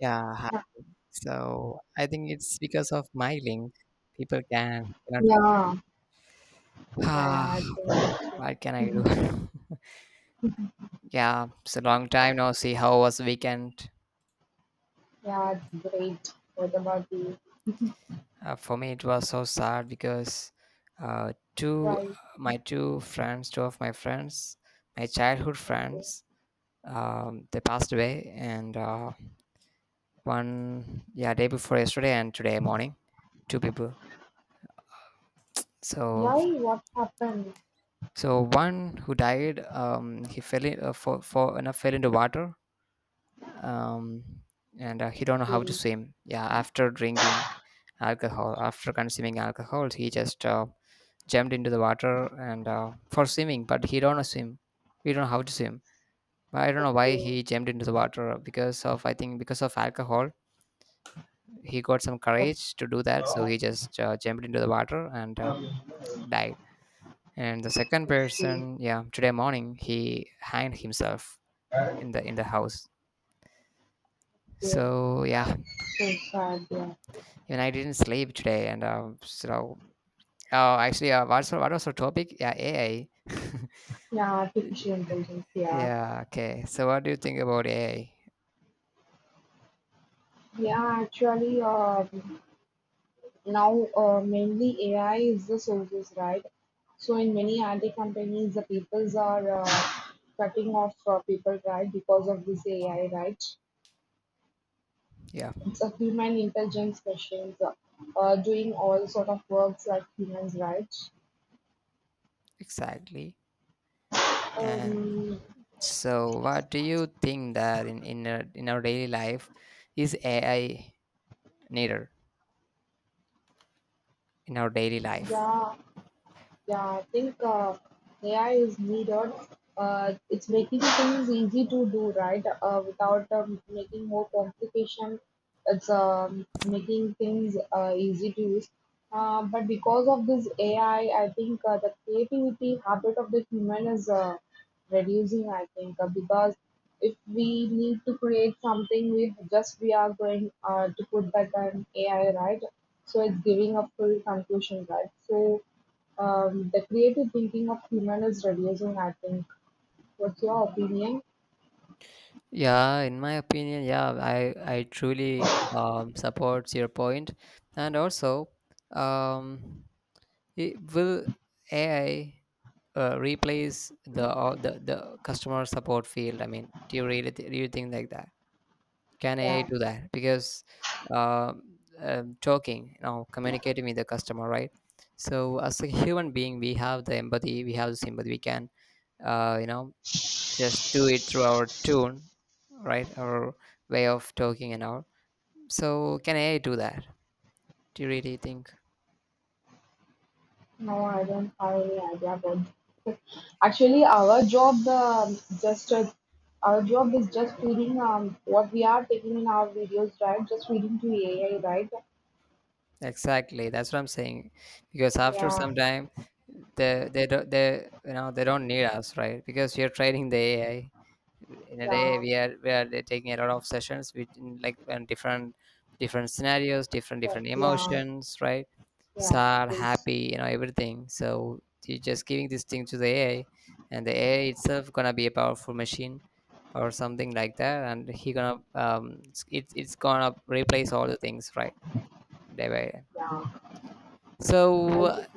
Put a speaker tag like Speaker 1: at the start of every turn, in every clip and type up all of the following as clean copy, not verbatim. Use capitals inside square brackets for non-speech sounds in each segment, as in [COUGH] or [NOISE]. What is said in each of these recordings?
Speaker 1: Yeah, hi.
Speaker 2: Yeah,
Speaker 1: So I think it's because of my link. People can,
Speaker 2: yeah,
Speaker 1: [SIGHS] ah,
Speaker 2: yeah, I think
Speaker 1: what can I do? [LAUGHS] Yeah, it's a long time now. See how was weekend?
Speaker 2: yeah, it's great. What about you?
Speaker 1: For me, it was so sad because uh, two,
Speaker 2: Why?
Speaker 1: my two friends, two of my friends, my childhood friends, they passed away, and one, yeah, day before yesterday and today morning, two people. So
Speaker 2: Why? What happened
Speaker 1: So one who died, he fell in for and fell into water, um, and he don't know how to
Speaker 2: to
Speaker 1: swim. Yeah, after drinking alcohol, after consuming alcohol, he just jumped into the water and for swimming, but he don't know swim. We don't know how to swim. But I don't
Speaker 2: the
Speaker 1: know why
Speaker 2: game?
Speaker 1: he jumped into the water because of I think because of alcohol, he got some
Speaker 2: What
Speaker 1: courage to do that. So he just jumped into the water and died. And the
Speaker 2: is
Speaker 1: second
Speaker 2: the
Speaker 1: person, yeah, today morning he hanged himself in the house,
Speaker 2: game?
Speaker 1: so yeah,
Speaker 2: So sad, yeah.
Speaker 1: even I didn't sleep today and so oh actually what was our topic, yeah, AI. [LAUGHS]
Speaker 2: Yeah, artificial intelligence, yeah.
Speaker 1: Yeah, okay, so what do you think about AI?
Speaker 2: Yeah, actually, now mainly AI is the sources, right? So in many IT companies, the peoples are cutting off people, right, because of this AI, right?
Speaker 1: Yeah,
Speaker 2: It's a human intelligence questions, doing all sort of works like humans, right?
Speaker 1: exactly. And
Speaker 2: Um,
Speaker 1: so what do you think that in our daily life, is AI needed in our daily life?
Speaker 2: yeah, Yeah, I think AI is needed. It's making things easy to do, right? Without making more complication, it's making things easy to use. But because of this AI, I think the creativity habit of the human is reducing. I think because if we need to create something, we are going to put that on AI, right? So it's giving a full conclusion, right? So the creative thinking of human is reducing, I think. What's your opinion?
Speaker 1: Yeah, in my opinion, yeah, I truly supports your point. And also um will AI replace the customer support field? I mean, do you really do you think like that? Can AI
Speaker 2: Yeah.
Speaker 1: do that? Because um, talking, you know, communicating with the customer, right? So as a human being, we have the empathy, we have the sympathy. We can, you know, just do it through our tune, right? Our way of talking and all. So can AI do that? Do you really think?
Speaker 2: No, I don't have any idea about. Actually, our job, just our job is just feeding what we are taking in our videos, right? Just feeding to AI, right?
Speaker 1: Exactly, that's what I'm saying. Because after
Speaker 2: Yeah,
Speaker 1: some time, they don't they you know they don't need us, right? Because we are training the AI. In a
Speaker 2: yeah,
Speaker 1: day, we are taking a lot of sessions with in, like and different different scenarios, different
Speaker 2: yeah,
Speaker 1: different
Speaker 2: yeah.
Speaker 1: emotions, right?
Speaker 2: yeah,
Speaker 1: Sad,
Speaker 2: This,
Speaker 1: happy, you know, everything. So you're just giving this thing to the AI, and the AI itself gonna be a powerful machine or something like that, and he gonna it's gonna replace all the things, right? Day by day.
Speaker 2: yeah. I
Speaker 1: So
Speaker 2: just,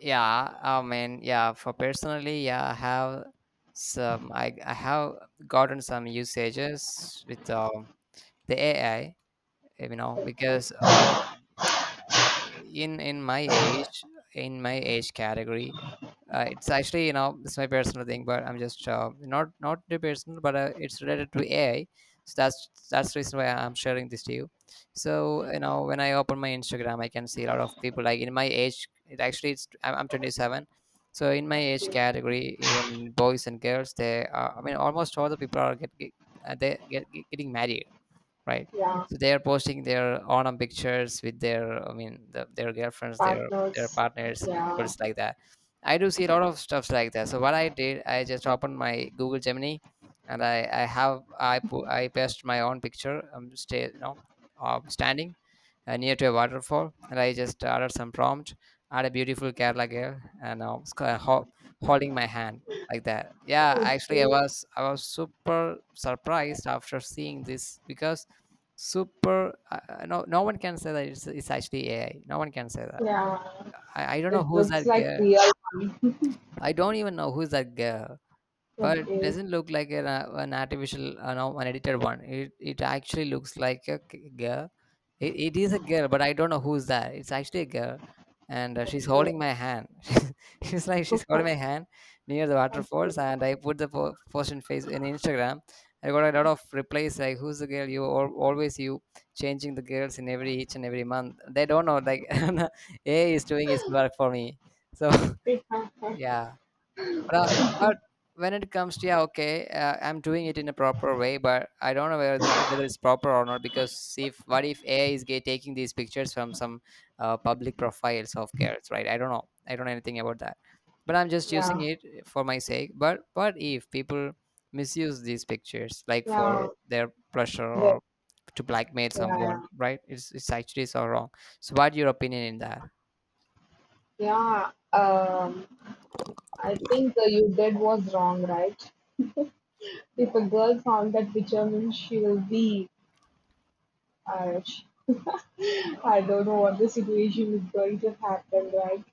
Speaker 1: yeah, I mean, yeah, for personally, yeah, I have some I have gotten some usages with the AI, you know,
Speaker 2: okay,
Speaker 1: because in in my age in my age category, it's actually, you know, it's my personal thing, but I'm just not the personal, but it's related to AI. So that's the reason why I'm sharing this to you. So you know, when I open my Instagram, I can see a lot of people like in my age. It actually it's I'm 27, so in my age category, even boys and girls, they are, I mean almost all the people are getting married, right?
Speaker 2: yeah.
Speaker 1: So they are posting their autumn pictures with their, I mean, the, their girlfriends, their
Speaker 2: Partners,
Speaker 1: partners, and
Speaker 2: yeah.
Speaker 1: couples like that. I do see a lot of stuffs like that. So what I did, I just opened my Google Gemini, and I pasted my own picture. You know, standing near to a waterfall, and I just added some prompt. Add a beautiful Kerala girl, and holding my hand like that. Yeah, actually i
Speaker 2: Okay,
Speaker 1: was i was super surprised after seeing this because super no one can say that it's actually AI, no one can say that.
Speaker 2: yeah.
Speaker 1: I don't
Speaker 2: It
Speaker 1: know who's
Speaker 2: looks
Speaker 1: that
Speaker 2: like
Speaker 1: girl,
Speaker 2: real.
Speaker 1: I don't even know who's that girl, but it
Speaker 2: [LAUGHS] Okay.
Speaker 1: doesn't look like an artificial, no, an edited one. It actually looks like a girl. It is a girl, but I don't know who's that. It's actually a girl, and she's
Speaker 2: okay
Speaker 1: holding my hand. [LAUGHS] She's holding
Speaker 2: okay.
Speaker 1: my hand near the waterfalls, and I put the post in face in Instagram. I got a lot of replies like, "Who's the girl? Always you changing the girls in every each and every month." They don't know like [LAUGHS] AI is doing its work for me. So
Speaker 2: Okay. [LAUGHS]
Speaker 1: [LAUGHS] yeah. But uh, but when it comes to, yeah, okay, I'm doing it in a proper way, but I don't know whether it's proper or not because if what if AI is taking these pictures from some public profiles of girls, right? I don't know. I don't know anything about that. But I'm just using
Speaker 2: yeah
Speaker 1: it for my sake. But what if people misuse these pictures like for
Speaker 2: yeah
Speaker 1: their pleasure
Speaker 2: but
Speaker 1: or to blackmail
Speaker 2: yeah
Speaker 1: someone, right? It's actually so wrong. So what's your opinion in that?
Speaker 2: yeah I think you did was wrong, right? If a girl found that picture means she will be Irish. [LAUGHS] I don't know what the situation is going to happen, right?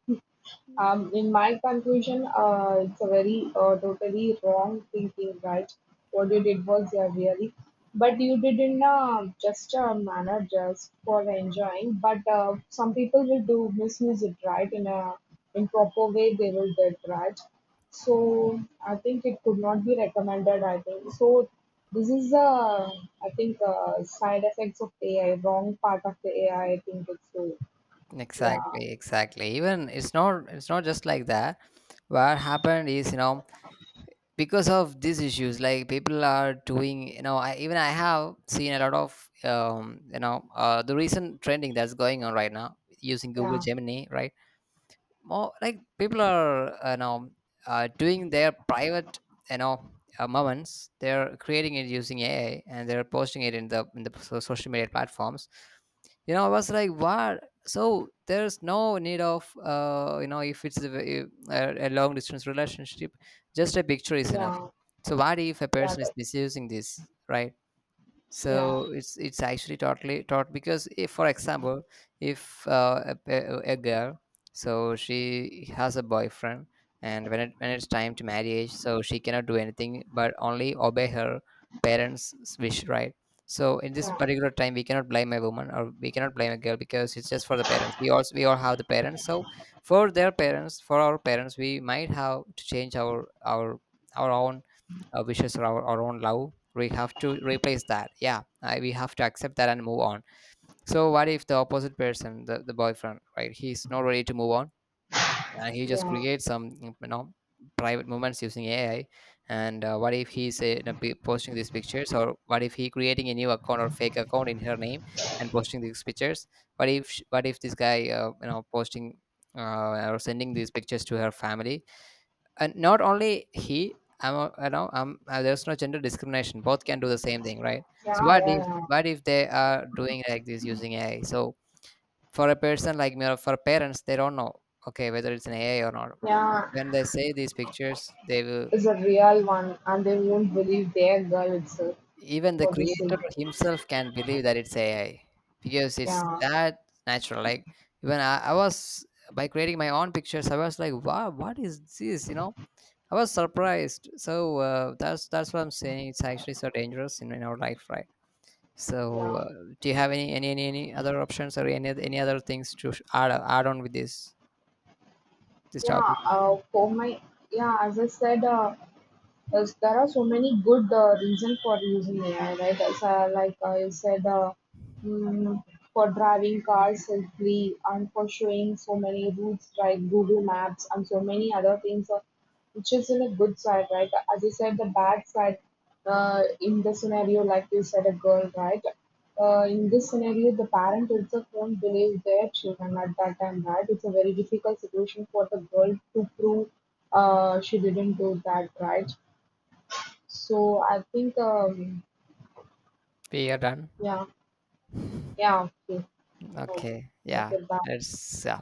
Speaker 2: In my conclusion, it's a very totally wrong thinking, right? What you did was yeah, really, but you did in just a manner just for enjoying. But some people will do misuse it, right? In a improper way, they will do it, right? So I think it could not be recommended. I think so. This is I think side effects of AI, wrong part of the AI. I think it's so. Yeah,
Speaker 1: Exactly, exactly. Even it's not just like that. What happened is, you know, because of these issues, like people are doing, you know, I even I have seen a lot of you know, the recent trending that's going on right now using Google
Speaker 2: yeah,
Speaker 1: Gemini, right? More like people are you know, doing their private, you know, moments they're creating it using AI, and they're posting it in the social media platforms. You know, I was like what. So there's no need of you know, if it's a long distance relationship, just a picture is enough.
Speaker 2: yeah,
Speaker 1: So what if a
Speaker 2: yeah.
Speaker 1: person is misusing this, right?
Speaker 2: Yeah,
Speaker 1: So it's actually totally taught because if for example if a girl, so she has a boyfriend, and when it's time to marriage, so she cannot do anything but only obey her parents wish, right? So in this
Speaker 2: yeah,
Speaker 1: particular time we cannot blame a woman or we cannot blame a girl because it's just for the parents. We also we all have the parents, so for their parents, for our parents, we might have to change our own wishes or our own love. We have to replace that. Yeah, we have to accept that and move on. So what if the opposite person, the boyfriend, right, he's not ready to move on, and he just
Speaker 2: yeah,
Speaker 1: creates some, you know, private moments using AI, and what if he's you know, posting these pictures, or what if he creating a new account or fake account in her name and posting these pictures. What if this guy you know posting or sending these pictures to her family. And not only he, you know, I'm there's no gender discrimination, both can do the same thing, right? So
Speaker 2: yeah, yeah, yeah.
Speaker 1: what if they are doing like this using AI. So for a person like me or for parents, they don't know okay whether it's an AI or not.
Speaker 2: Yeah,
Speaker 1: When they say these pictures, they will,
Speaker 2: is a real one, and they won't believe their girl itself
Speaker 1: even the
Speaker 2: for the sake.
Speaker 1: creator himself can believe that it's AI because it's
Speaker 2: Yeah,
Speaker 1: that natural. Like, even I was, by creating my own pictures, I was like wow what is this, you know. I was surprised. So that's what I'm saying. It's actually so dangerous in our life, right? So
Speaker 2: yeah,
Speaker 1: do you have any other options or any other things to add add on with this
Speaker 2: yeah.
Speaker 1: topic?
Speaker 2: For my yeah, as I said, uh, yes, there are so many good reasons for using AI, right? As, like I said, mm, for driving cars safely and for showing so many routes like Google Maps and so many other things, which is in a good side, right? As you said, the bad side in the scenario, like you said, a girl, right? In this scenario, the parent itself won't believe their children at that time, right? It's a very difficult situation for the girl to prove she didn't do that, right? So I think,
Speaker 1: We are done.
Speaker 2: yeah,
Speaker 1: [LAUGHS]
Speaker 2: yeah, okay. Oh,
Speaker 1: Okay. Yeah.
Speaker 2: okay, bye.
Speaker 1: That's yeah.